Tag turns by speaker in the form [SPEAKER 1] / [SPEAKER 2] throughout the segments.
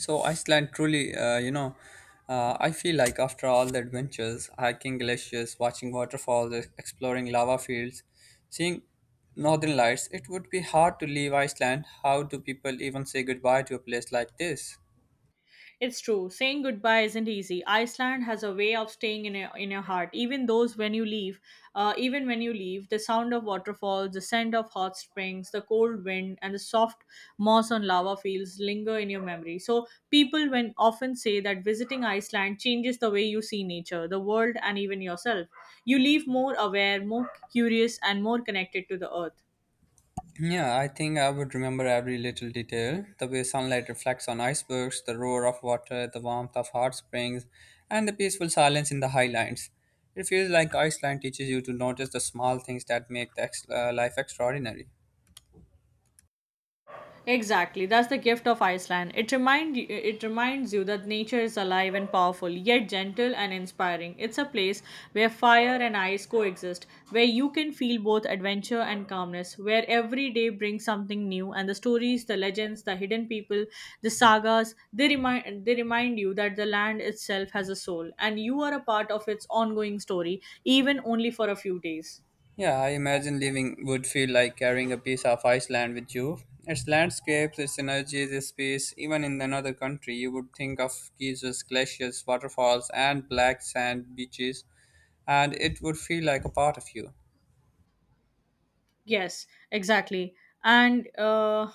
[SPEAKER 1] So Iceland truly, I feel like after all the adventures, hiking glaciers, watching waterfalls, exploring lava fields, seeing northern lights, it would be hard to leave Iceland. How do people even say goodbye to a place like this?
[SPEAKER 2] It's true. Saying goodbye isn't easy. Iceland has a way of staying in your heart. Even when you leave, the sound of waterfalls, the scent of hot springs, the cold wind, and the soft moss on lava fields linger in your memory. So people when often say that visiting Iceland changes the way you see nature, the world, and even yourself. You leave more aware, more curious, and more connected to the earth.
[SPEAKER 1] Yeah, I think I would remember every little detail. The way sunlight reflects on icebergs, the roar of water, the warmth of hot springs, and the peaceful silence in the highlands. It feels like Iceland teaches you to notice the small things that make life extraordinary.
[SPEAKER 2] Exactly. That's the gift of Iceland. It reminds you that nature is alive and powerful, yet gentle and inspiring. It's a place where fire and ice coexist, where you can feel both adventure and calmness, where every day brings something new and the stories, the legends, the hidden people, the sagas, they remind you that the land itself has a soul and you are a part of its ongoing story, even only for a few days.
[SPEAKER 1] Yeah, I imagine living would feel like carrying a piece of Iceland with you. Its landscapes, its energies, its peace. Even in another country, you would think of geysers, glaciers, waterfalls, and black sand beaches, and it would feel like a part of you.
[SPEAKER 2] Yes, exactly. And uh,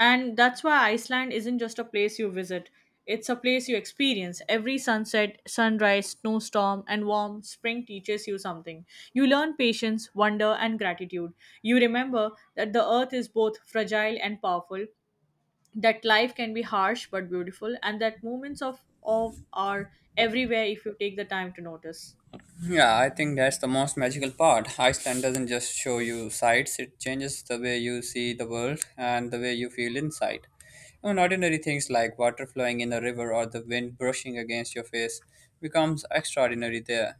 [SPEAKER 2] and that's why Iceland isn't just a place you visit. It's a place you experience. Every sunset, sunrise, snowstorm, and warm spring teaches you something. You learn patience, wonder, and gratitude. You remember that the earth is both fragile and powerful, that life can be harsh but beautiful, and that moments of awe are everywhere if you take the time to notice.
[SPEAKER 1] Yeah, I think that's the most magical part. Iceland doesn't just show you sights, it changes the way you see the world and the way you feel inside. Even ordinary things like water flowing in a river or the wind brushing against your face becomes extraordinary there.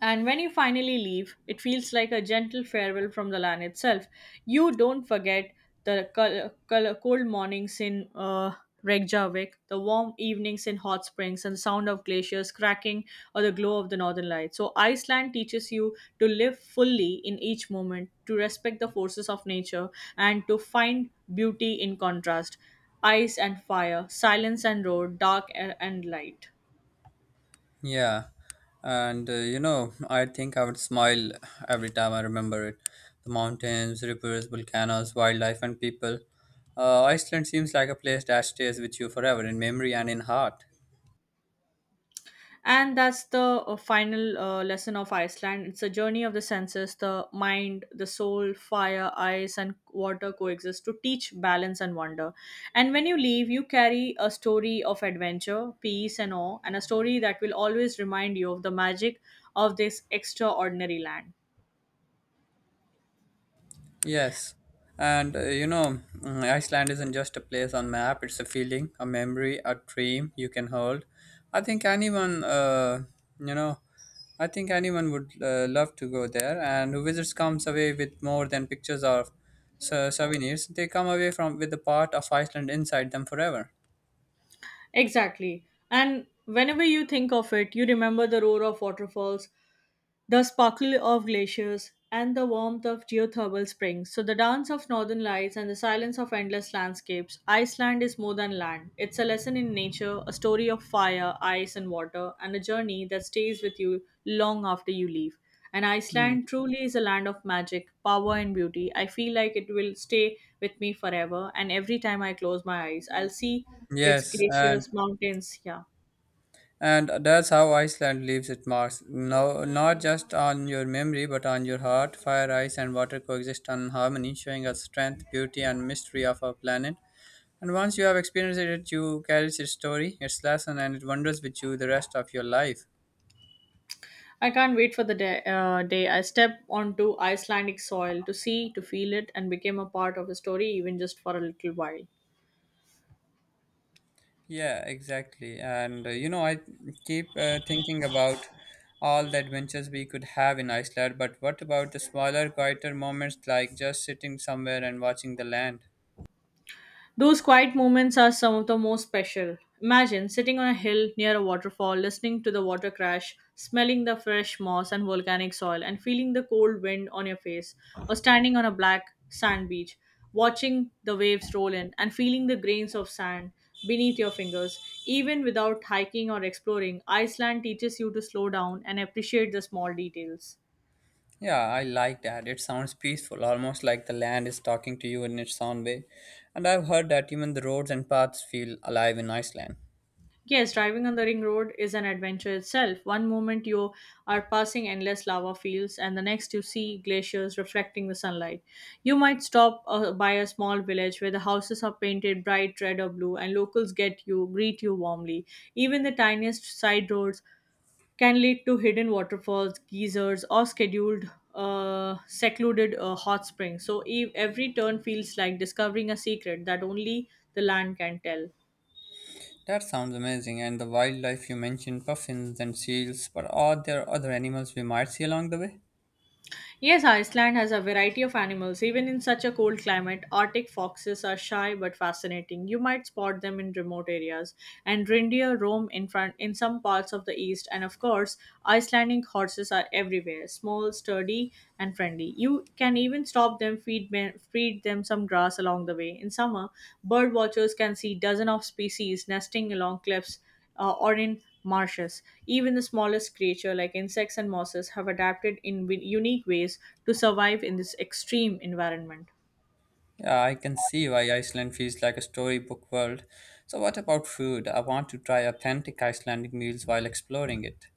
[SPEAKER 2] And when you finally leave, it feels like a gentle farewell from the land itself. You don't forget the cold mornings in Reykjavik, the warm evenings in hot springs, and the sound of glaciers cracking or the glow of the northern lights. So, Iceland teaches you to live fully in each moment, to respect the forces of nature, and to find beauty in contrast, ice and fire, silence and road, dark and light.
[SPEAKER 1] Yeah, and I think I would smile every time I remember it. The mountains, rivers, volcanoes, wildlife, and people. Iceland seems like a place that stays with you forever in memory and in heart.
[SPEAKER 2] And that's the final lesson of Iceland. It's a journey of the senses, the mind, the soul. Fire, ice, and water coexist to teach balance and wonder, and when you leave you carry a story of adventure, peace, and awe, and a story that will always remind you of the magic of this extraordinary land.
[SPEAKER 1] Yes, and Iceland isn't just a place on map. It's a feeling, a memory, a dream you can hold. I think you know, I think anyone would love to go there. And who visits comes away with more than pictures or souvenirs. They come away from with the part of Iceland inside them forever.
[SPEAKER 2] Exactly. And whenever you think of it, you remember the roar of waterfalls, the sparkle of glaciers, and the warmth of geothermal springs. So, the dance of northern lights and the silence of endless landscapes. Iceland is more than land, it's a lesson in nature, a story of fire, ice, and water, and a journey that stays with you long after you leave. And
[SPEAKER 1] Mm.
[SPEAKER 2] Iceland truly is a land of magic, power, and beauty. I feel like it will stay with me forever, and every time I close my eyes, I'll see its
[SPEAKER 1] Yes, and
[SPEAKER 2] glaciers, mountains. Yeah.
[SPEAKER 1] And that's how Iceland leaves its marks. No, not just on your memory, but on your heart. Fire, ice, and water coexist in harmony, showing us strength, beauty, and mystery of our planet. And once you have experienced it, you carry its story, its lesson, and it wanders with you the rest of your life.
[SPEAKER 2] I can't wait for the day, day I step onto Icelandic soil to see, to feel it, and become a part of a story even just for a little while.
[SPEAKER 1] Yeah, exactly. I keep thinking about all the adventures we could have in Iceland, but what about the smaller, quieter moments like just sitting somewhere and watching the land?
[SPEAKER 2] Those quiet moments are some of the most special. Imagine sitting on a hill near a waterfall, listening to the water crash, smelling the fresh moss and volcanic soil, and feeling the cold wind on your face, or standing on a black sand beach, watching the waves roll in and feeling the grains of sand beneath your fingers. Even without hiking or exploring, Iceland teaches you to slow down and appreciate the small details.
[SPEAKER 1] Yeah, I like that. It sounds peaceful, almost like the land is talking to you in its own way. And I've heard that even the roads and paths feel alive in Iceland.
[SPEAKER 2] Yes, driving on the ring road is an adventure itself. One moment you are passing endless lava fields, and the next you see glaciers reflecting the sunlight. You might stop by a small village where the houses are painted bright red or blue, and locals get you greet you warmly. Even the tiniest side roads can lead to hidden waterfalls, geysers, or scheduled secluded hot springs. So every turn feels like discovering a secret that only the land can tell.
[SPEAKER 1] That sounds amazing. And the wildlife you mentioned, puffins and seals, but are there other animals we might see along the way?
[SPEAKER 2] Yes, Iceland has a variety of animals. Even in such a cold climate, Arctic foxes are shy but fascinating. You might spot them in remote areas, and reindeer roam in front in some parts of the east. And of course, Icelandic horses are everywhere, small, sturdy, and friendly. You can even stop them, feed them some grass along the way. In summer, bird watchers can see dozens of species nesting along cliffs or in marshes. Even the smallest creature, like insects and mosses, have adapted in unique ways to survive in this extreme environment.
[SPEAKER 1] Yeah, I can see why Iceland feels like a storybook world. So, what about food? I want to try authentic Icelandic meals while exploring it.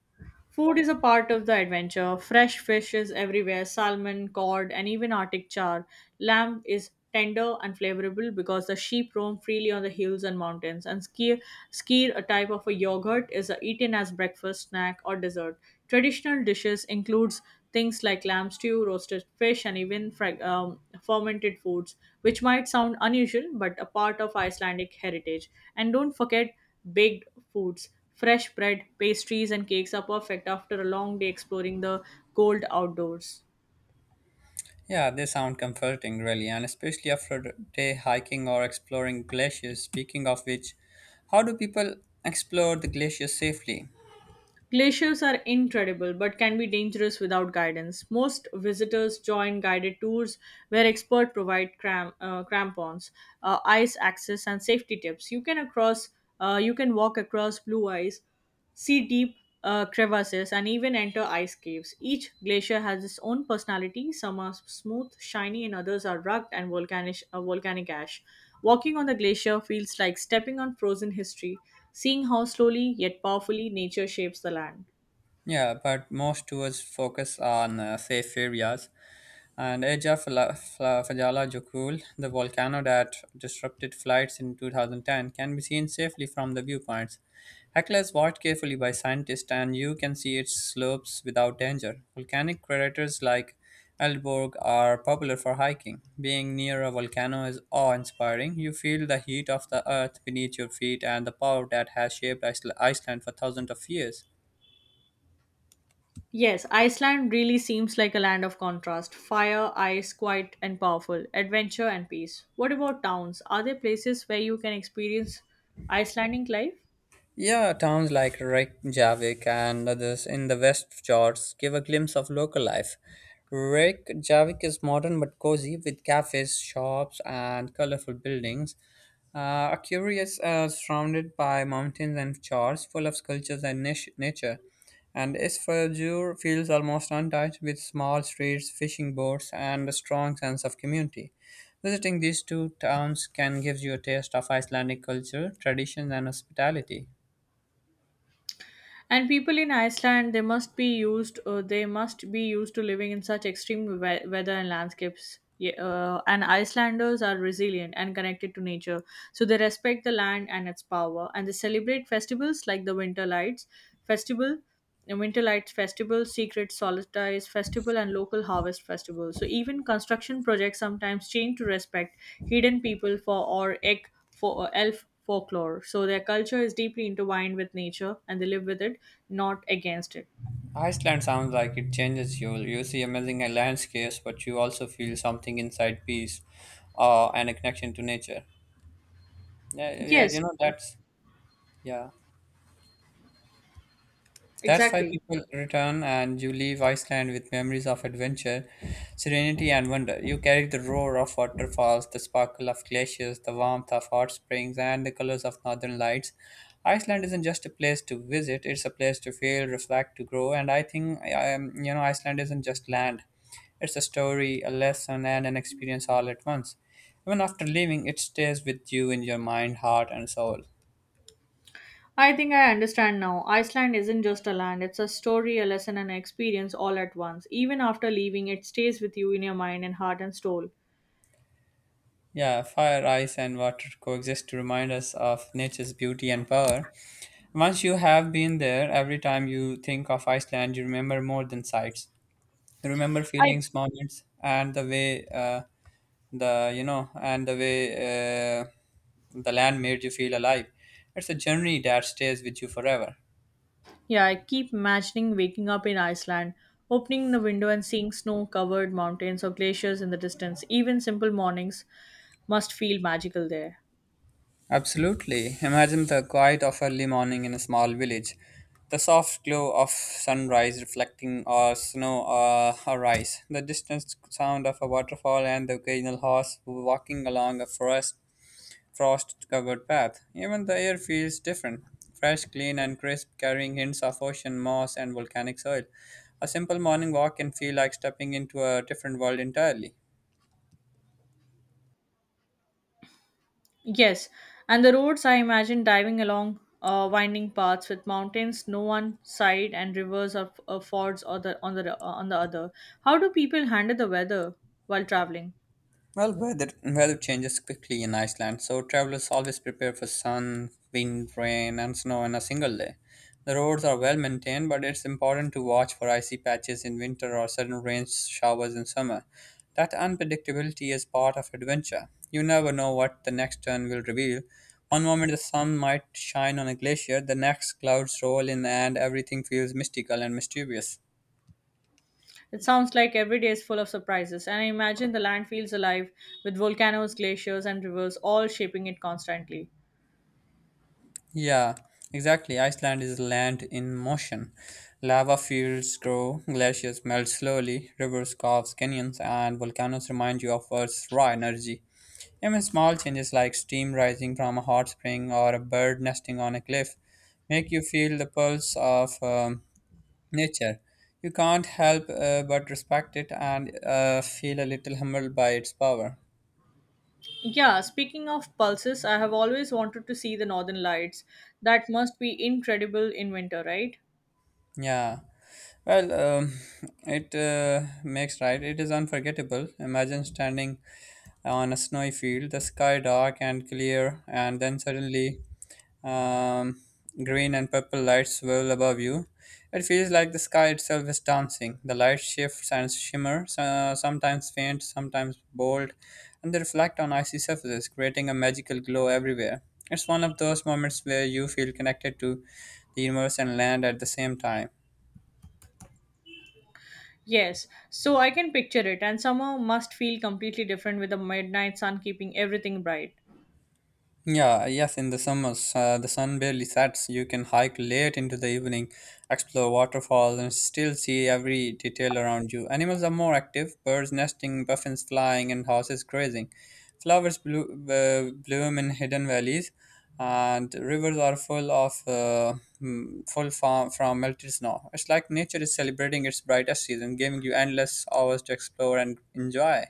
[SPEAKER 2] Food is a part of the adventure. Fresh fish is everywhere, salmon, cod, and even Arctic char. Lamb is tender and flavorable because the sheep roam freely on the hills and mountains. And skyr, a type of a yogurt, is eaten as breakfast, snack, or dessert. Traditional dishes includes things like lamb stew, roasted fish, and even fermented foods, which might sound unusual but a part of Icelandic heritage. And don't forget baked foods. Fresh bread, pastries, and cakes are perfect after a long day exploring the cold outdoors.
[SPEAKER 1] Yeah, they sound comforting, really, and especially after a day hiking or exploring glaciers. Speaking of which, how do people explore the glaciers safely?
[SPEAKER 2] Glaciers are incredible but can be dangerous without guidance. Most visitors join guided tours where experts provide crampons, ice access, and safety tips. You can walk across blue ice, see deep crevasses, and even enter ice caves. Each glacier has its own personality. Some are smooth, shiny, and others are rugged and volcanic, volcanic ash. Walking on the glacier feels like stepping on frozen history, seeing how slowly yet powerfully nature shapes the land.
[SPEAKER 1] Yeah, but most tours focus on safe areas. And Eja Fajala Jokul, the volcano that disrupted flights in 2010, can be seen safely from the viewpoints. Hecla is watched carefully by scientists, and you can see its slopes without danger. Volcanic craters like Elborg are popular for hiking. Being near a volcano is awe-inspiring. You feel the heat of the earth beneath your feet and the power that has shaped Iceland for thousands of years.
[SPEAKER 2] Yes, Iceland really seems like a land of contrast, fire, ice, quiet and powerful, adventure and peace. What about towns? Are there places where you can experience Icelandic life?
[SPEAKER 1] Yeah, towns like Reykjavik and others in the West Fjords give a glimpse of local life. Reykjavik is modern but cozy with cafes, shops, and colorful buildings. A curious surrounded by mountains and fjords full of sculptures and nature. And Isfjordur feels almost untouched with small streets, fishing boats, and a strong sense of community. Visiting these two towns can give you a taste of Icelandic culture, traditions, and hospitality.
[SPEAKER 2] And people in Iceland, they must be used to living in such extreme weather and landscapes. And Icelanders are resilient and connected to nature, so they respect the land and its power, and they celebrate festivals like the Winter Lights Festival and winter lights festival, secret solstice festival, and local harvest festival. So even construction projects sometimes change to respect hidden people for or egg for or elf folklore, so their culture is deeply intertwined with nature and they live with it, not against it.
[SPEAKER 1] Iceland sounds like it changes you. You see amazing landscapes, but you also feel something inside peace and a connection to nature. Yeah, yeah, you
[SPEAKER 2] Yes,
[SPEAKER 1] know, that's, yeah. That's why
[SPEAKER 2] exactly.
[SPEAKER 1] people return and you leave Iceland with memories of adventure, serenity, and wonder. You carry the roar of waterfalls, the sparkle of glaciers, the warmth of hot springs, and the colors of northern lights. Iceland isn't just a place to visit, it's a place to feel, reflect, to grow. And I think, Iceland isn't just land, it's a story, a lesson, and an experience all at once. Even after leaving, it stays with you in your mind, heart, and soul.
[SPEAKER 2] I think I understand now. Iceland isn't just a land, it's a story, a lesson, and an experience all at once. Even after leaving, it stays with you in your mind and heart and soul.
[SPEAKER 1] Yeah, fire, ice, and water coexist to remind us of nature's beauty and power. Once you have been there, every time you think of Iceland, you remember more than sights. You remember
[SPEAKER 2] I.
[SPEAKER 1] feelings, moments, and the way the you know, and the way uh, the land made you feel alive. It's a journey that stays with you forever.
[SPEAKER 2] Yeah, I keep imagining waking up in Iceland, opening the window and seeing snow covered mountains or glaciers in the distance. Even simple mornings must feel magical there.
[SPEAKER 1] Absolutely. Imagine the quiet of early morning in a small village, the soft glow of sunrise reflecting or snow or rice, the distant sound of a waterfall, and the occasional horse walking along a forest frost-covered path. Even the air feels different, fresh, clean, and crisp, carrying hints of ocean moss and volcanic soil. A simple morning walk can feel like stepping into a different world entirely.
[SPEAKER 2] Yes, and the roads I imagine diving along winding paths with mountains no one side and rivers or fords or the, on, the, on the other. How do people handle the weather while traveling?
[SPEAKER 1] Well, weather changes quickly in Iceland, so travelers always prepare for sun, wind, rain, and snow in a single day. The roads are well maintained, but it's important to watch for icy patches in winter or sudden rain showers in summer. That unpredictability is part of adventure. You never know what the next turn will reveal. One moment the sun might shine on a glacier, the next clouds roll in, and everything feels mystical and mysterious.
[SPEAKER 2] It sounds like every day is full of surprises, and I imagine the land feels alive with volcanoes, glaciers, and rivers all shaping it constantly.
[SPEAKER 1] Yeah, exactly. Iceland is land in motion. Lava fields grow, glaciers melt slowly, rivers carve canyons, and volcanoes remind you of Earth's raw energy. Even small changes like steam rising from a hot spring or a bird nesting on a cliff make you feel the pulse of nature. You can't help but respect it and feel a little humbled by its power.
[SPEAKER 2] Yeah, speaking of pulses, I have always wanted to see the northern lights. That must be incredible in winter, right?
[SPEAKER 1] Yeah. Well, it makes right. It is unforgettable. Imagine standing on a snowy field, the sky dark and clear, and then suddenly um, green and purple lights swirl above you. It feels like the sky itself is dancing. The light shifts and shimmers, sometimes faint, sometimes bold, and they reflect on icy surfaces, creating a magical glow everywhere. It's one of those moments where you feel connected to the universe and land at the same time.
[SPEAKER 2] Yes, so I can picture it, and summer must feel completely different with the midnight sun keeping everything bright.
[SPEAKER 1] Yeah, yes, in the summers, the sun barely sets. You can hike late into the evening, explore waterfalls, and still see every detail around you. Animals are more active, birds nesting, puffins flying, and horses grazing. Flowers bloom in hidden valleys, and rivers are full of from melted snow. It's like nature is celebrating its brightest season, giving you endless hours to explore and enjoy.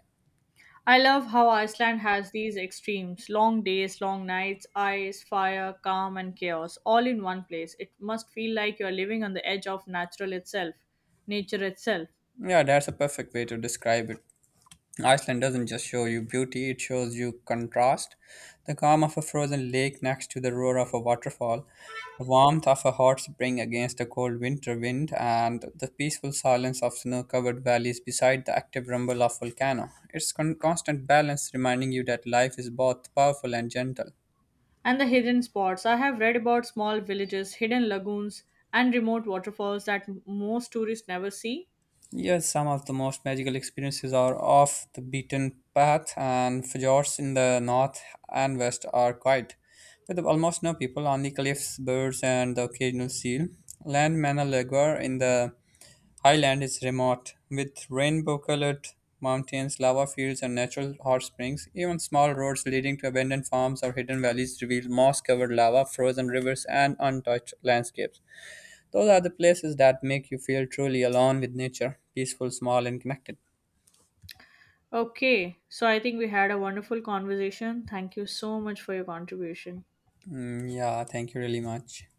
[SPEAKER 2] I love how Iceland has these extremes, long days, long nights, ice, fire, calm, and chaos all in one place. It must feel like you're living on the edge of nature itself.
[SPEAKER 1] Yeah, that's a perfect way to describe it. Iceland doesn't just show you beauty, it shows you contrast. The calm of a frozen lake next to the roar of a waterfall, the warmth of a hot spring against a cold winter wind, and the peaceful silence of snow covered valleys beside the active rumble of volcano. It's constant balance reminding you that life is both powerful and gentle.
[SPEAKER 2] And the hidden spots. I have read about small villages, hidden lagoons, and remote waterfalls that most tourists never see.
[SPEAKER 1] Yes, some of the most magical experiences are off the beaten path, and fjords in the north and west are quiet, with almost no people, only cliffs, birds, and the occasional seal. Land Manalagar in the highland is remote, with rainbow colored mountains, lava fields, and natural hot springs. Even small roads leading to abandoned farms or hidden valleys reveal moss covered lava, frozen rivers, and untouched landscapes. Those are the places that make you feel truly alone with nature, peaceful, small, and connected.
[SPEAKER 2] Okay, so I think we had a wonderful conversation. Thank you so much for your contribution.
[SPEAKER 1] Mm, yeah, thank you really much.